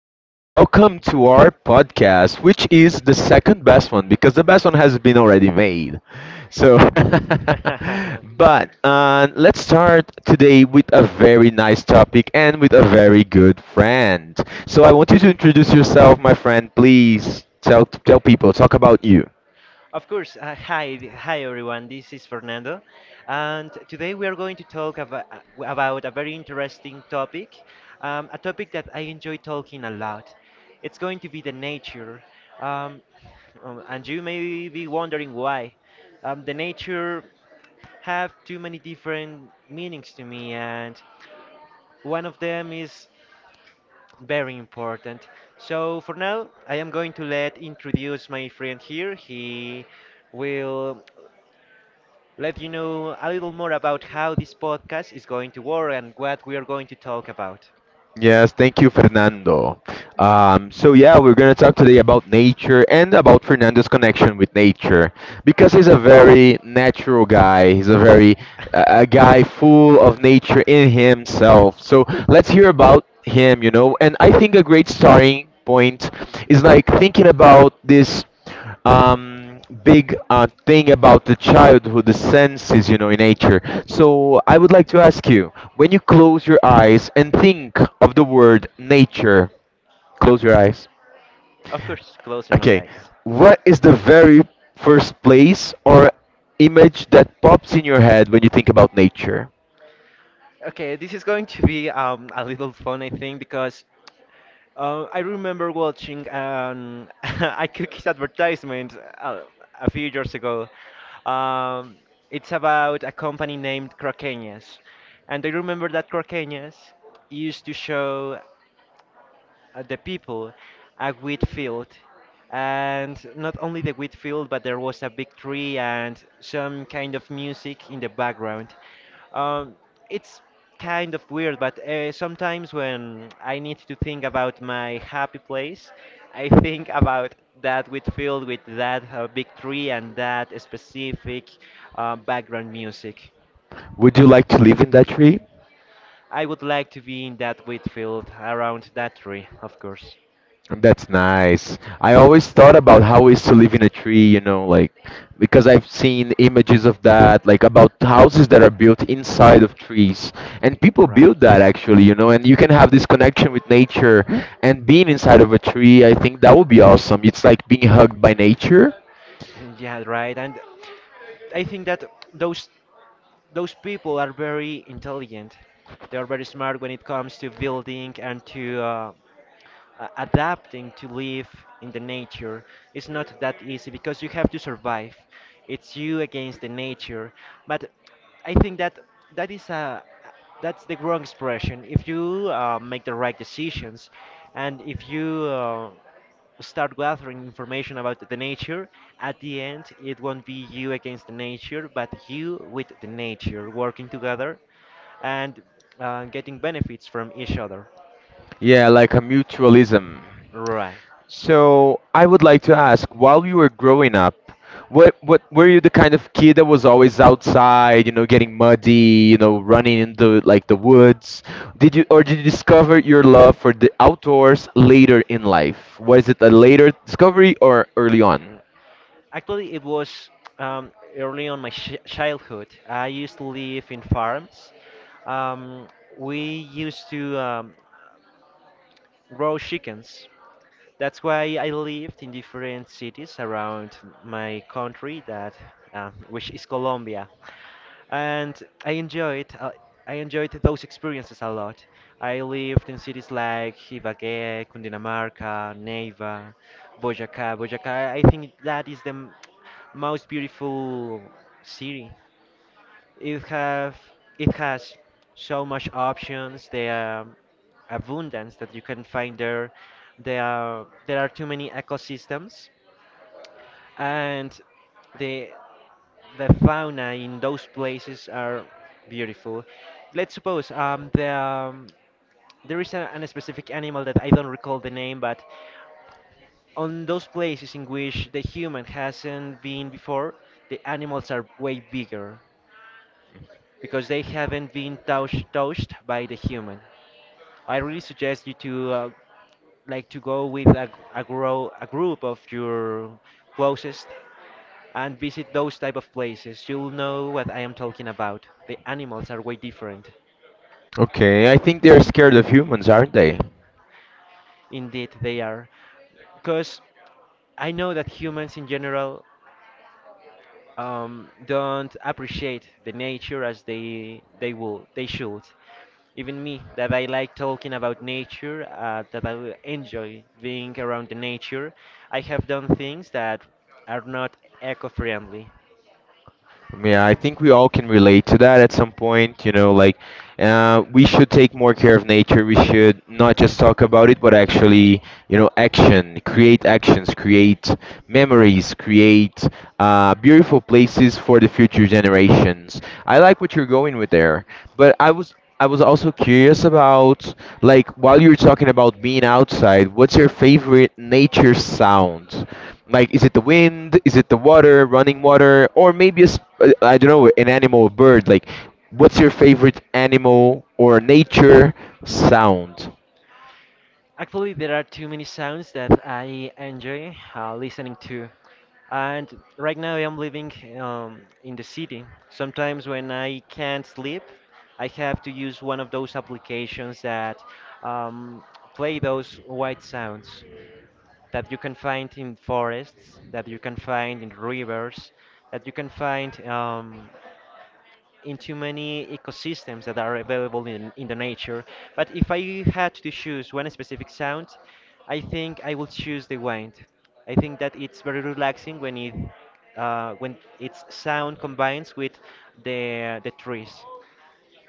So, welcome to our podcast, which is the second best one because the best one has been already made. So, but let's start today with a very nice topic and with a very good friend. So, I want you to introduce yourself, my friend. Please tell people, talk about you. Of course, hi everyone. This is Fernando, and today we are going to about a very interesting topic, a topic that I enjoy talking a lot. It's going to be the nature, um, and you may be wondering why. The nature have too many different meanings to me, and one of them is very important. So for now, I am going to let introduce my friend here. He will let you know a little more about how this podcast is going to work and what we are going to talk about. Yes, thank you, Fernando. We're gonna talk today about nature and about Fernando's connection with nature because he's a very natural guy. He's a very a guy full of nature in himself. So let's hear about him, you know. And I think a great starting point is like thinking about this big thing about the childhood, the senses, you know, in nature. So I would like to ask you, when you close your eyes and think of the word nature, close your eyes. Of course, closing my Okay, eyes. what is the very first place or image that pops in your head when you think about nature? Okay, this is going to be a little fun, I think, because I remember watching an a cookies advertisement a few years ago. Um, it's about a company named Croqueñas, and I remember that Croqueñas used to show the people at Whitfield. And not only the Whitfield, but there was a big tree and some kind of music in the background. Um, it's kind of weird, but sometimes when I need to think about my happy place, I think about that Whitfield with that big tree and that specific background music. Would you like to live in that tree? I would like to be in that Whitfield around that tree, of course. That's nice. I always thought about how it's to live in a tree, you know, like because I've seen images of that, like about houses that are built inside of trees. And people Right. build that actually, you know, and you can have this connection with nature and being inside of a tree, I think that would be awesome. It's like being hugged by nature. Yeah, right. And I think that those those people are very intelligent. They are very smart when it comes to building and to adapting to live in the nature is not that easy because you have to survive. It's you against the nature. But I think that that is a that's the wrong expression. If you make the right decisions, and if you start gathering information about the nature, at the end it won't be you against the nature, but you with the nature working together and getting benefits from each other. Yeah, like a mutualism. Right. So I would like to ask, while you were growing up, what were you the kind of kid that was always outside, you know, getting muddy, you know, running into like the woods? Did you or did you discover your love for the outdoors later in life? Was it a later discovery or early on? Actually, it was um, early on my ch childhood. I used to live in farms. Um, we used to grow chickens. That's why I lived in different cities around my country, that which is Colombia, and I enjoyed those experiences a lot. I lived in cities like Ibagué, Cundinamarca, Neiva, Boyacá. Boyacá, I think that is most beautiful city. It have it has so much options. The abundance that you can find there. There are too many ecosystems and the the fauna in those places are beautiful. Let's suppose there is an specific animal that I don't recall the name, but on those places in which the human hasn't been before, the animals are way bigger because they haven't been touched by the human. I really suggest you to like to go with a group of your closest and visit those type of places, you'll know what I am talking about. The animals are way different. Okay, I think they're scared of humans, aren't they? Indeed, they are. Because I know that humans in general don't appreciate the nature as they should. Even me, that I like talking about nature, that I enjoy being around the nature, I have done things that are not eco-friendly. Yeah, I think we all can relate to that at some point. You know, like we should take more care of nature. We should not just talk about it, but actually, you know, action, create actions, create memories, create beautiful places for the future generations. I like what you're going with there, but I was also curious about, like, while you're talking about being outside, what's your favorite nature sound? Like, is it the wind? Is it the water, running water? Or maybe, I don't know, an animal, a bird? Like, what's your favorite animal or nature sound? Actually, there are too many sounds that I enjoy listening to. And right now, I'm living in the city. Sometimes, when I can't sleep, I have to use one of those applications that um, play those white sounds that you can find in forests, that you can find in rivers, that you can find in too many ecosystems that are available in the nature. But if I had to choose one specific sound, I think I will choose the wind. I think that it's very relaxing when it when its sound combines with the trees.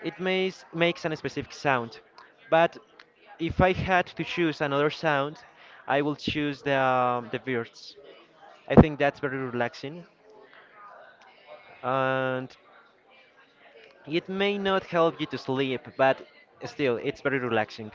It makes a specific sound, but if I had to choose another sound, I will choose the birds. I think that's very relaxing. And it may not help you to sleep, but still, it's very relaxing.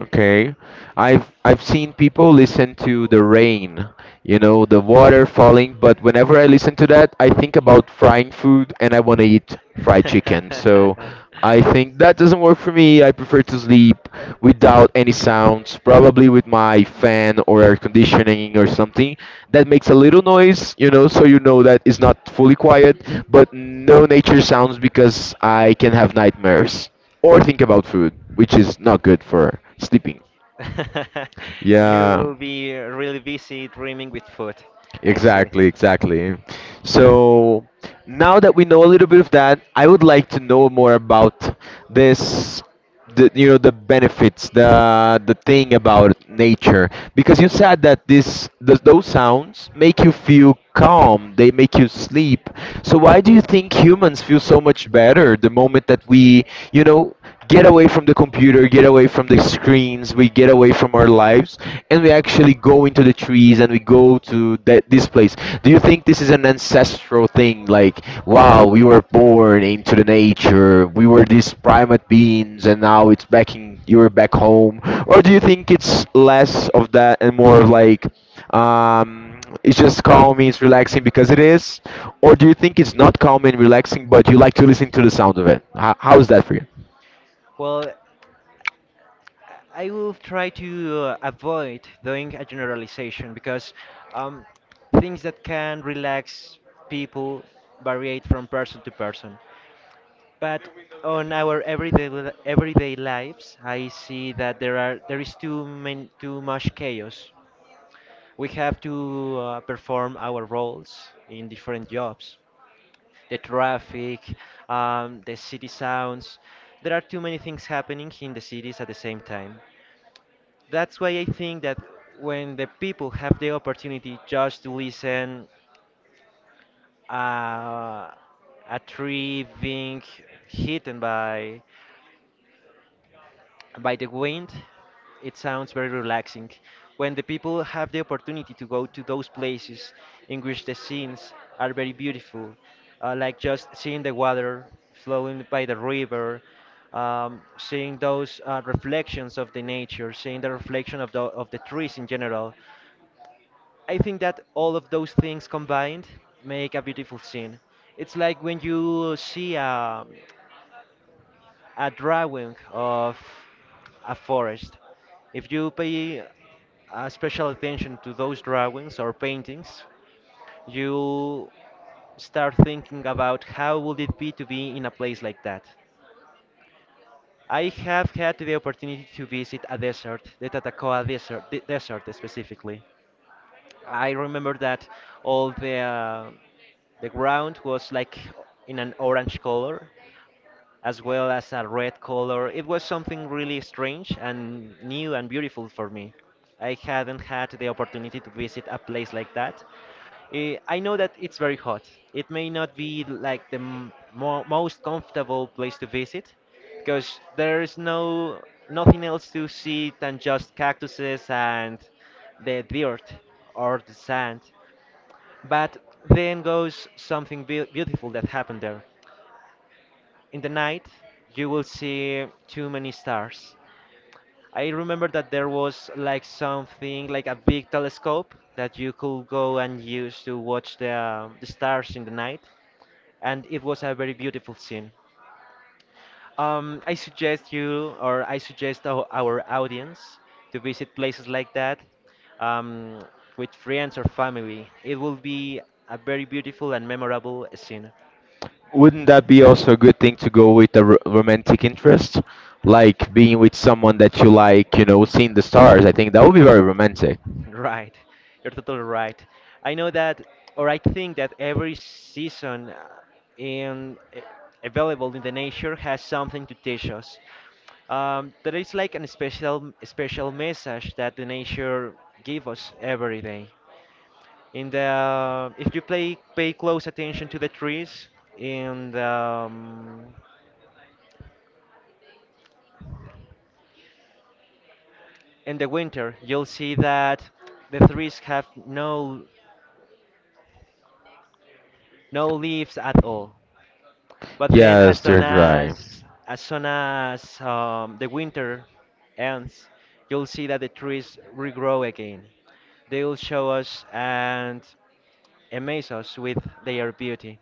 Okay. I've seen people listen to the rain, you know, the water falling, but whenever I listen to that, I think about frying food and I want to eat fried chicken. So I think that doesn't work for me. I prefer to sleep without any sounds, probably with my fan or air conditioning or something that makes a little noise, you know, so you know that it's not fully quiet, but no nature sounds because I can have nightmares or think about food, which is not good for sleeping. You Yeah, will be really busy dreaming with food. I see. exactly, exactly. So now that we know a little bit of that, I would like to know more about this, the, you know, the benefits, the thing about nature, because you said that this, th those sounds make you feel calm, they make you sleep. So why do you think humans feel so much better the moment that we, you know, get away from the computer, get away from the screens, we get away from our lives, and we actually go into the trees and we go to that this place. Do you think this is an ancestral thing? Like, wow, we were born into the nature, we were these primate beings, and now it's back in you're back home, or do you think it's less of that and more of like? It's just calming, it's relaxing because it is, or do you think it's not calming and relaxing, but you like to listen to the sound of it? How is that for you? Well, I will try to avoid doing a generalization because um, things that can relax people variate from person to person. But on our everyday lives, I see that there is too many, too much chaos. We have to perform our roles in different jobs. The traffic, the city sounds. There are too many things happening in the cities at the same time. That's why I think that when the people have the opportunity just to listen uh, a tree being hidden by the wind, it sounds very relaxing. When the people have the opportunity to go to those places in which the scenes are very beautiful, like just seeing the water flowing by the river, seeing those reflections of the nature, seeing the reflection of the trees in general, I think that all of those things combined make a beautiful scene. It's like when you see a drawing of a forest. If you pay a special attention to those drawings or paintings, you start thinking about how would it be to be in a place like that. I have had the opportunity to visit a desert, the Tatacoa desert, desert specifically. I remember that all the ground was like in an orange color, as well as a red color. It was something really strange and new and beautiful for me. I hadn't had the opportunity to visit a place like that. Eh, I know that it's very hot. It may not be like most comfortable place to visit because there's nothing else to see than just cactuses and the dirt or the sand. But then goes something beautiful that happened there. In the night, you will see too many stars. I remember that there was like something like a big telescope that you could go and use to watch the stars in the night, and it was a very beautiful scene. I suggest you, or I suggest our audience, to visit places like that um, with friends or family. It will be a very beautiful and memorable scene. Wouldn't that be also a good thing to go with a r- romantic interest? Like being with someone that you like, you know, seeing the stars. I think that would be very romantic. Right, you're totally right. I know that, or I think that every season in available in the nature has something to teach us. There is like an special message that the nature give us every day. In the If you play pay close attention to the trees in the um, in the winter, you'll see that the trees have no leaves at all. But then, Yes, they're dry. As soon as the winter ends, you'll see that the trees regrow again. They will show us and amaze us with their beauty.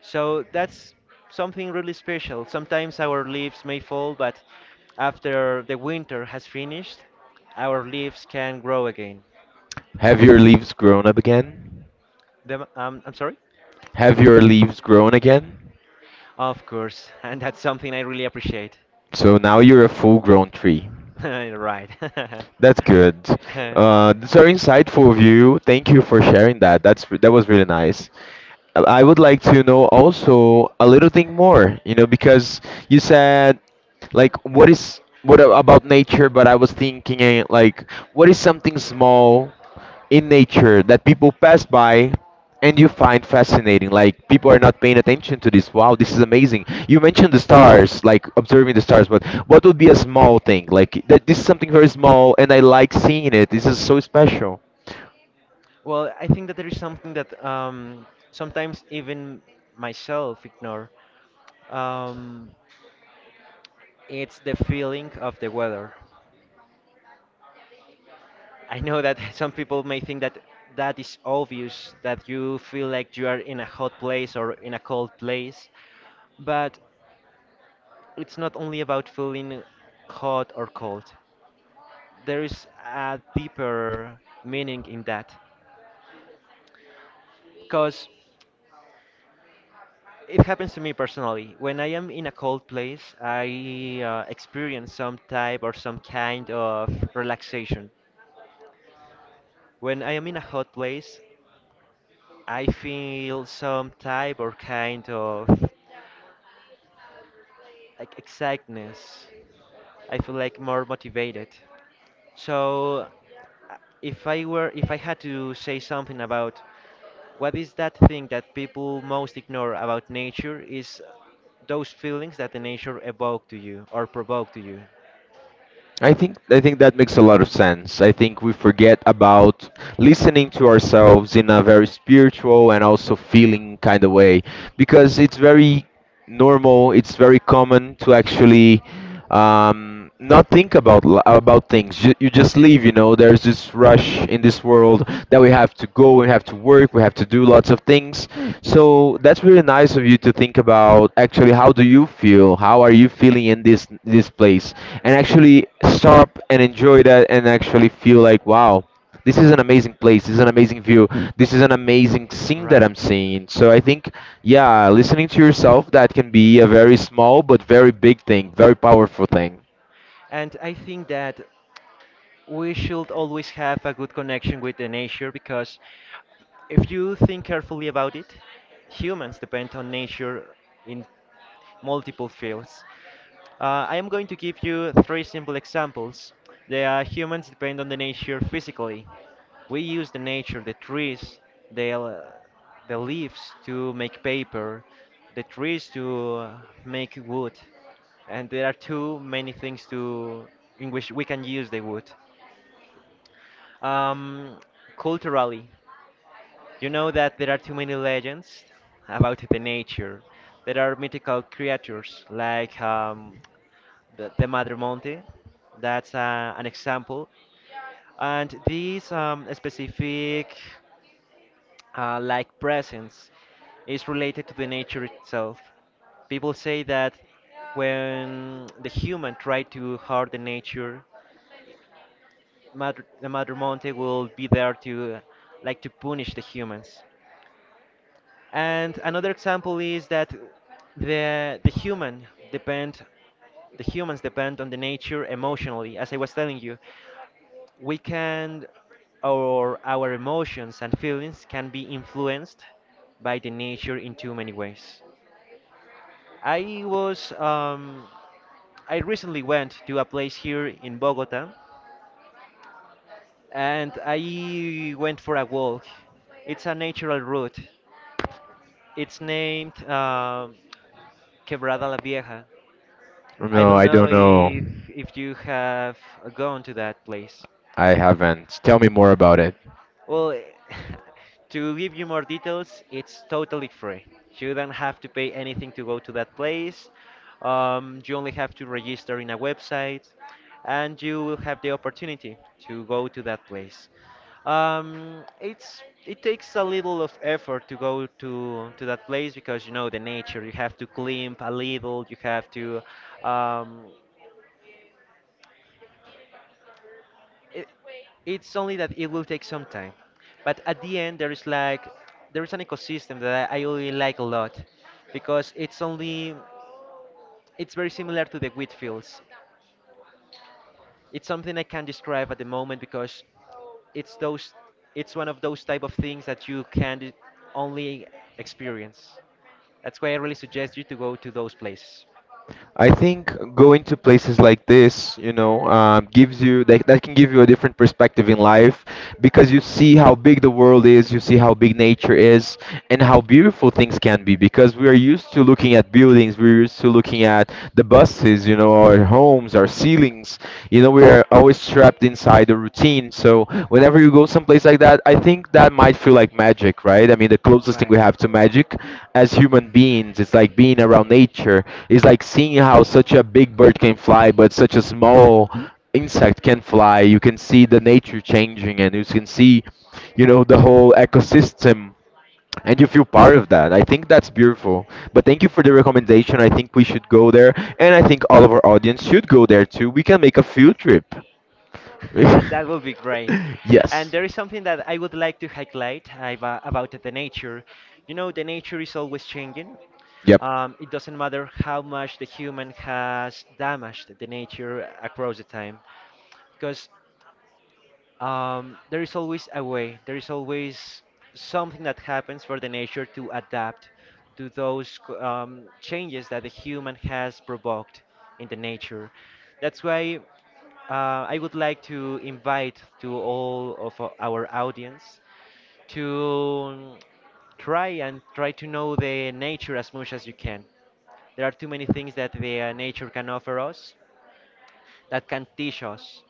So that's something really special. Sometimes our leaves may fall, but after the winter has finished, our leaves can grow again. Have your leaves grown up again? I'm sorry? Have your leaves grown again? Of course, and that's something I really appreciate. So now you're a full grown tree. Right. That's good. Uh, That's very insightful view. Thank you for sharing that. That's that was really nice. I would like to know also a little thing more, you know, because you said like what is what a- about nature, but I was thinking like what is something small in nature that people pass by and you find fascinating, like people are not paying attention to this. Wow, this is amazing. You mentioned the stars, like observing the stars, but what would be a small thing like that? This is something very small and I like seeing it. This is so special. well, I think that there is something that sometimes even myself ignore. Um, it's the feeling of the weather. I know that some people may think that that is obvious that you feel like you are in a hot place or in a cold place, but it's not only about feeling hot or cold. There is a deeper meaning in that. Because it happens to me personally. When I am in a cold place, I experience some type or some kind of relaxation. When I am in a hot place, I feel some type or kind of like exactness. I feel like more motivated. So uh, if I had to say something about what is that thing that people most ignore about nature is those feelings that the nature evoke to you or provoke to you. I think that makes a lot of sense. I think we forget about listening to ourselves in a very spiritual and also feeling kind of way because it's very normal, it's very common to actually not think about li- about things. You just leave, you know. There's this rush in this world that we have to go, we have to work, we have to do lots of things. So that's really nice of you to think about actually how do you feel? How are you feeling in this this place? And actually stop and enjoy that and actually feel like wow, this is an amazing place. This is an amazing view. This is an amazing scene that Right. I'm seeing. So I think yeah, listening to yourself that can be a very small but very big thing, very powerful thing. And I think that we should always have a good connection with the nature because if you think carefully about it, humans depend on nature in multiple fields. I am going to give you three simple examples. The are Humans depend on the nature physically. We use the nature, the trees, the, l- the leaves to make paper, the trees to make wood. And there are too many things to in which we can use the wood. Um, Culturally, you know that there are too many legends about the nature. There are mythical creatures like the Madre Monte. That's an example. And this specific like presence is related to the nature itself. People say that when the human try to harm the nature, the Mother Monte will be there to like to punish the humans. And another example is that the the human depend the humans depend on the nature emotionally, as I was telling you. We can or our emotions and feelings can be influenced by the nature in too many ways. I was um, I recently went to a place here in Bogota, and I went for a walk. It's a natural route. It's named Quebrada La Vieja. I No, don't I know don't know. if you have gone to that place. I haven't. Tell me more about it. Well, to give you more details, it's totally free. You don't have to pay anything to go to that place. You only have to register in a website, and you will have the opportunity to go to that place. It takes a little of effort to go to that place because you know the nature. You have to climb a little. You have to um, it, It's only that it will take some time, but at the end there is like there is an ecosystem that I really like a lot because it's very similar to the wheat fields. It's something I can not describe at the moment because it's those it's one of those type of things that you can only experience. That's why I really suggest you to go to those places. I think going to places like this, you know, gives you that, that can give you a different perspective in life because you see how big the world is, you see how big nature is, and how beautiful things can be. Because we are used to looking at buildings, we're used to looking at the buses, you know, our homes, our ceilings. You know, we are always trapped inside by the routine. So whenever you go someplace like that, I think that might feel like magic, right? I mean, the closest thing Right. we have to magic as human beings is like being around nature. It's like seeing how such a big bird can fly, but such a small insect can fly. You can see the nature changing, and you can see, you know, the whole ecosystem. And you feel part of that. I think that's beautiful. But thank you for the recommendation. I think we should go there. And I think all of our audience should go there too. We can make a field trip. That would be great. Yes. And there is something that I would like to highlight about the nature. You know, the nature is always changing. Yep. It doesn't matter how much the human has damaged the nature across the time, because there is always a way. There is always something that happens for the nature to adapt to those changes that the human has provoked in the nature. That's why I would like to invite to all of our audience to try and try to know the nature as much as you can. There are too many things that the nature can offer us that can teach us.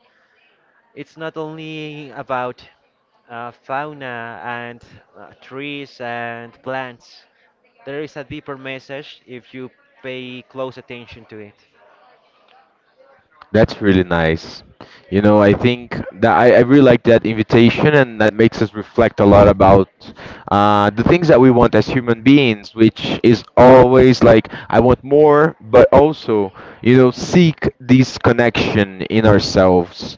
It's not only about fauna and trees and plants. There is a deeper message if you pay close attention to it. That's really nice. You know, I think that I really like that invitation, and that makes us reflect a lot about the things that we want as human beings, which is always like, I want more, but also, you know, seek this connection in ourselves.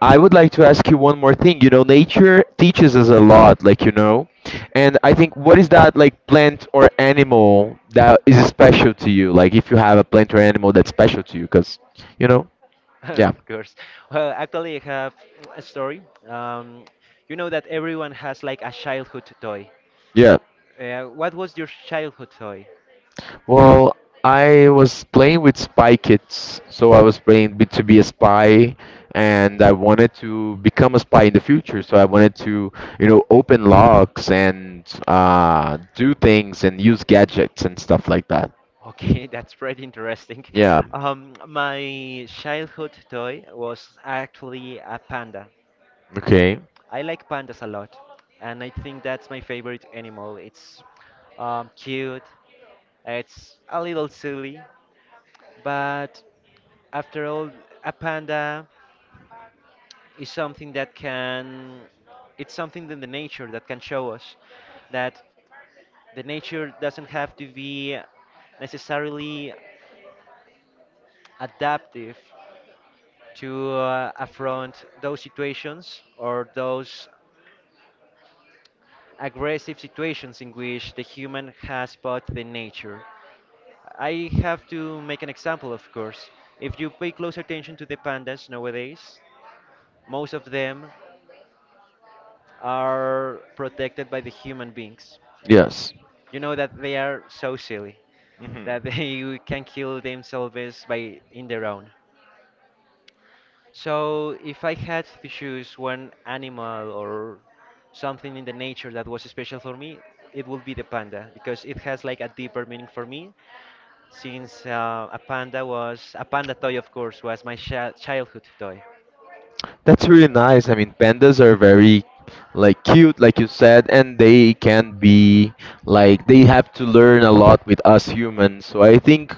I would like to ask you one more thing. You know, nature teaches us a lot, like, you know, and I think what is that, like, plant or animal that is special to you? Like, if you have a plant or animal that's special to you, because, you know. Yeah. Of course. Well, actually, I have a story. You know that everyone has like a childhood toy. Yeah. What was your childhood toy? Well, I was playing with Spy Kids, so I was playing b- to be a spy, and I wanted to become a spy in the future. So I wanted to, you know, open locks and do things and use gadgets and stuff like that. Okay, that's pretty interesting. Yeah. My childhood toy was actually a panda. Okay. I like pandas a lot, and I think that's my favorite animal. It's cute, it's a little silly, but after all, a panda is something that can, it's something that the nature that can show us that the nature doesn't have to be necessarily adaptive to affront those situations or those aggressive situations in which the human has bought the nature. I have to make an example, of course. If you pay close attention to the pandas nowadays, most of them are protected by the human beings. Yes. You know that they are so silly Hmm. that they can kill themselves by in their own. So if I had to choose one animal or something in the nature that was special for me, it would be the panda because it has like a deeper meaning for me since a panda was a panda toy, of course, was my childhood toy. That's really nice. I mean, pandas are very like cute, like you said, and they can be like they have to learn a lot with us humans. So I think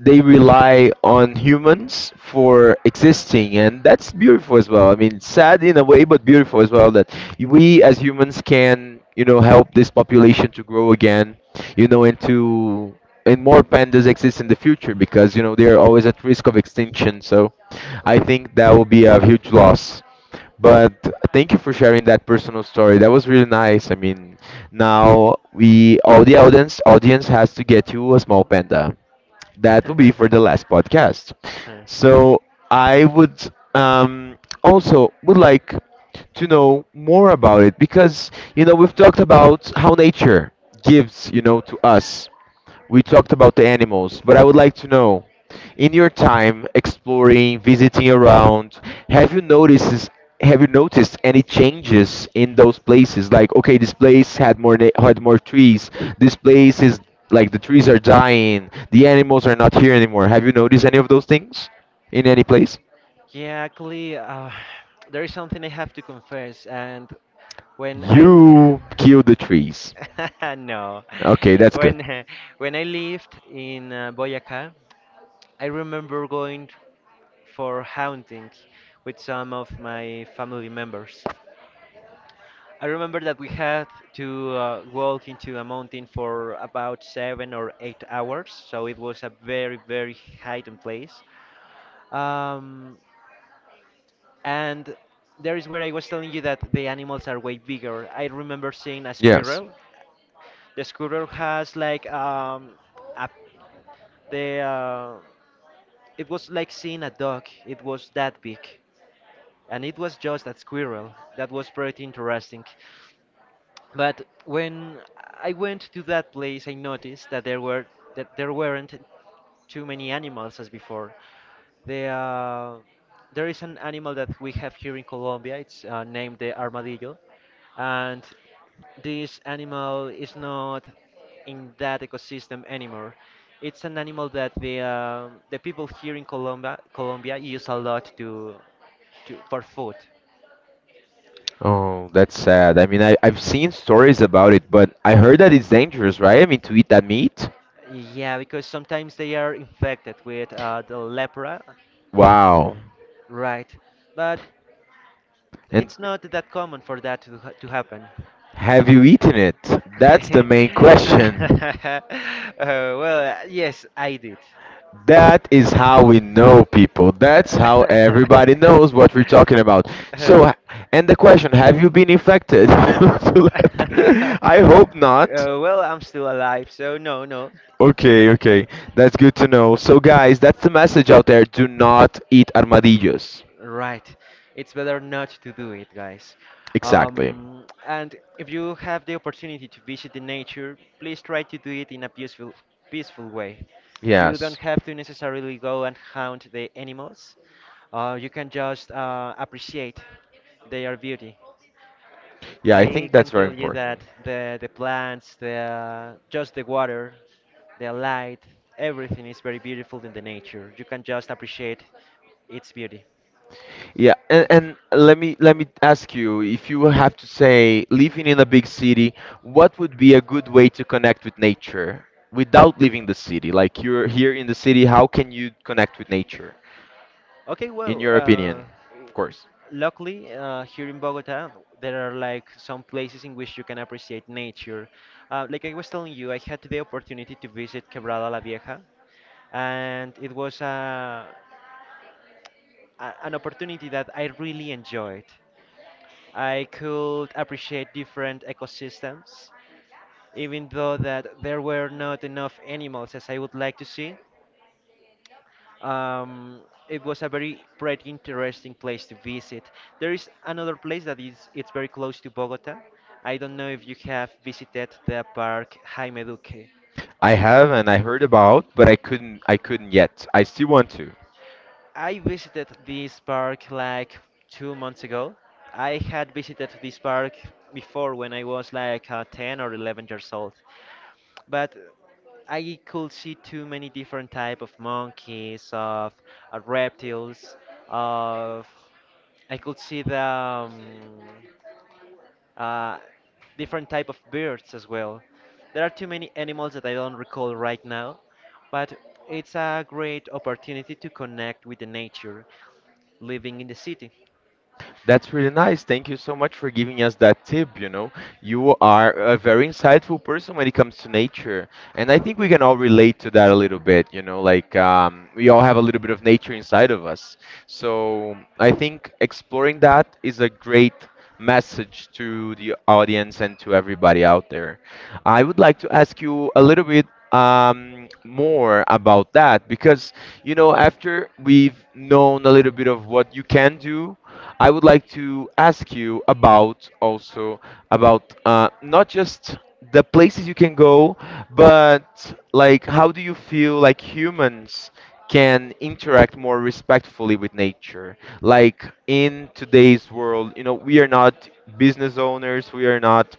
they rely on humans for existing, and that's beautiful as well. I mean, sad in a way, but beautiful as well that we as humans can, you know, help this population to grow again, you know, and to and more pandas exist in the future, because you know they're always at risk of extinction, so I Right. think that will be a huge loss. But thank you for sharing that personal story. That was really nice. I mean, now we all the audience has to get you a small panda that will be for the last podcast. So I would also would like to know more about it because you know we've talked about how nature gives, you know, to us. We talked about the animals, but I would like to know in your time exploring, visiting around, have you noticed have you noticed any changes in those places? Like, okay, this place had more na- had more trees. This place is like the trees are dying. The animals are not here anymore. Have you noticed any of those things in any place? Yeah, actually, there is something I have to confess, and when I l- You killed the trees. no, Okay, that's good. when uh, when I lived in Boyacá. I remember going for hunting with some of my family members. I remember that we had to walk into a mountain for about 7 or 8 hours, so it was a very, very hidden place. Um, and there is where I was telling you that the animals are way bigger. I remember seeing a Yes. squirrel. The squirrel has like a the it was like seeing a dog. It was that big, and it was just a squirrel. That was pretty interesting. But when I went to that place, I noticed that there weren't too many animals as before. The, uh, there is an animal that we have here in Colombia. It's named the armadillo, and this animal is not in that ecosystem anymore. It's an animal that the people here in Colombia use a lot to for food. Oh, that's sad. I mean, I've seen stories about it, but I heard that it's dangerous, right? I mean, to eat that meat? Yeah, because sometimes they are infected with the lepra, Wow. right? But And it's not that common for that to happen. have you eaten it? That's the main question. uh, well, yes, I did. That is how we know people. That's how everybody knows what we're talking about. Uh, So, h- and the question, have you been infected? To let- I hope not. Well, I'm still alive, so no, no. Okay, okay. That's good to know. So, guys, that's the message out there. Do not eat armadillos. Right. It's better not to do it, guys. Exactly. And if you have the opportunity to visit the nature, please try to do it in a peaceful, peaceful way. You don't Yes. have to necessarily go and hunt the animals. You can just appreciate their beauty. Yeah, I I think can that's very tell you important. that the plants, the just the water, the light, everything is very beautiful in the nature. You can just appreciate its beauty. Yeah, and let me ask you, if you have to say living in a big city, what would be a good way to connect with nature without leaving the city? Like you're here in the city, how can you connect with nature, Okay, in well, your opinion, of course? luckily here in Bogota, there are like some places in which you can appreciate nature. Like I was telling you, I had the opportunity to visit Quebrada La Vieja, and it was an opportunity that I really enjoyed. I could appreciate different ecosystems, even though that there were not enough animals as I would like to see. Um, it was a very pretty interesting place to visit. There is another place that is it's very close to Bogota. I don't know if you have visited the park Jaime Duque. I have and I heard about, but I couldn't yet. I still want to. I visited this park like 2 months ago. I had visited this park before when I was like 10 or 11 years old, but I could see too many different type of monkeys, of reptiles, of I could see the uh, different type of birds as well. There are too many animals that I don't recall right now, but it's a great opportunity to connect with the nature living in the city. That's really nice. Thank you so much for giving us that tip. You know, you are a very insightful person when it comes to nature. And I think we can all relate to that a little bit. You know, like we all have a little bit of nature inside of us. So I think exploring that is a great message to the audience and to everybody out there. I would like to ask you a little bit. More about that because you know after we've known a little bit of what you can do, I would like to ask you about also about not just the places you can go, but like how do you feel like humans can interact more respectfully with nature, like in today's world, you know, we are not business owners, we are not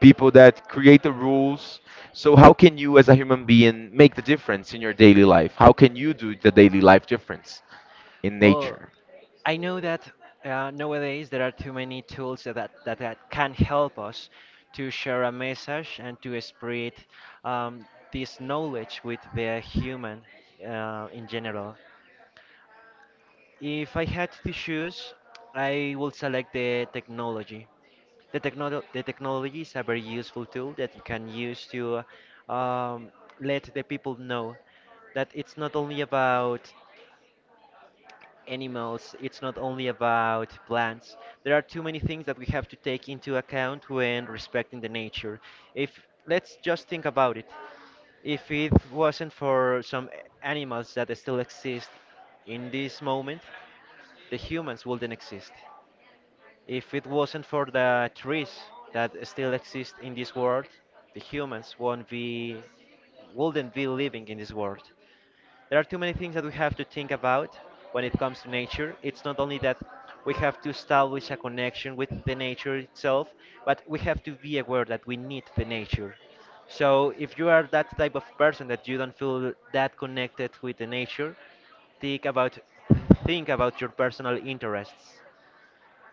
people that create the rules. So how can you as a human being make the difference in your daily life? How can you do the daily life difference in Well, nature? I know that nowadays there are too many tools that can help us to share a message and to spread um, this knowledge with the human in general. If I had to choose, I would select the technology. The technology is a very useful tool that you can use to um, let the people know that it's not only about animals, it's not only about plants. There are too many things that we have to take into account when respecting the nature. If Let's just think about it. If it wasn't for some animals that still exist in this moment, the humans wouldn't exist. If it wasn't for the trees that still exist in this world, the humans won't be wouldn't be living in this world. There are too many things that we have to think about when it comes to nature. It's not only that we have to establish a connection with the nature itself, but we have to be aware that we need the nature. So if you are that type of person that you don't feel that connected with the nature, think about think about your personal interests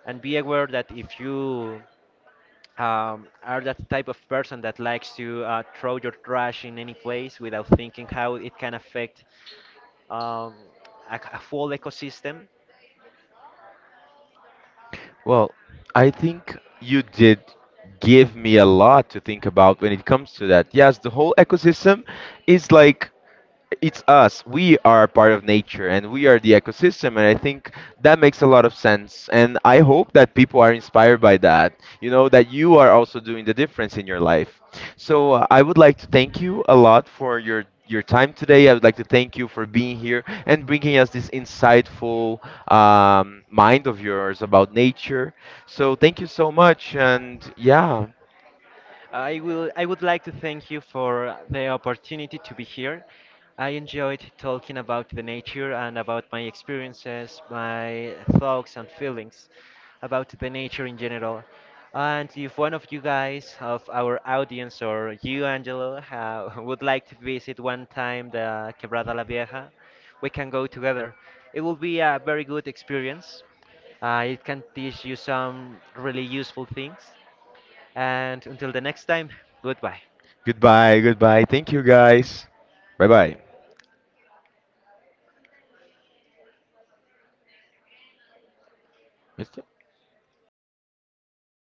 and be aware that if you are that type of person that likes to throw your trash in any place without thinking how it can affect um, a full ecosystem. Well, I think you did give me a lot to think about when it comes to that. Yes, the whole ecosystem is like it's us. We are part of nature and we are the ecosystem. And I think that makes a lot of sense. And I hope that people are inspired by that, you know, that you are also doing the difference in your life. So I would like to thank you a lot for your. Your time today. I would like to thank you for being here and bringing us this insightful mind of yours about nature. So, thank you so much. And yeah, I would like to thank you for the opportunity to be here. I enjoyed talking about the nature and about my experiences, my thoughts and feelings about the nature in general. And if one of you guys of our audience or you, Angelo, ha would like to visit one time the Quebrada La Vieja, we can go together. It will be a very good experience. It can teach you some really useful things. And until the next time, goodbye. goodbye, goodbye. Thank you guys. Bye bye.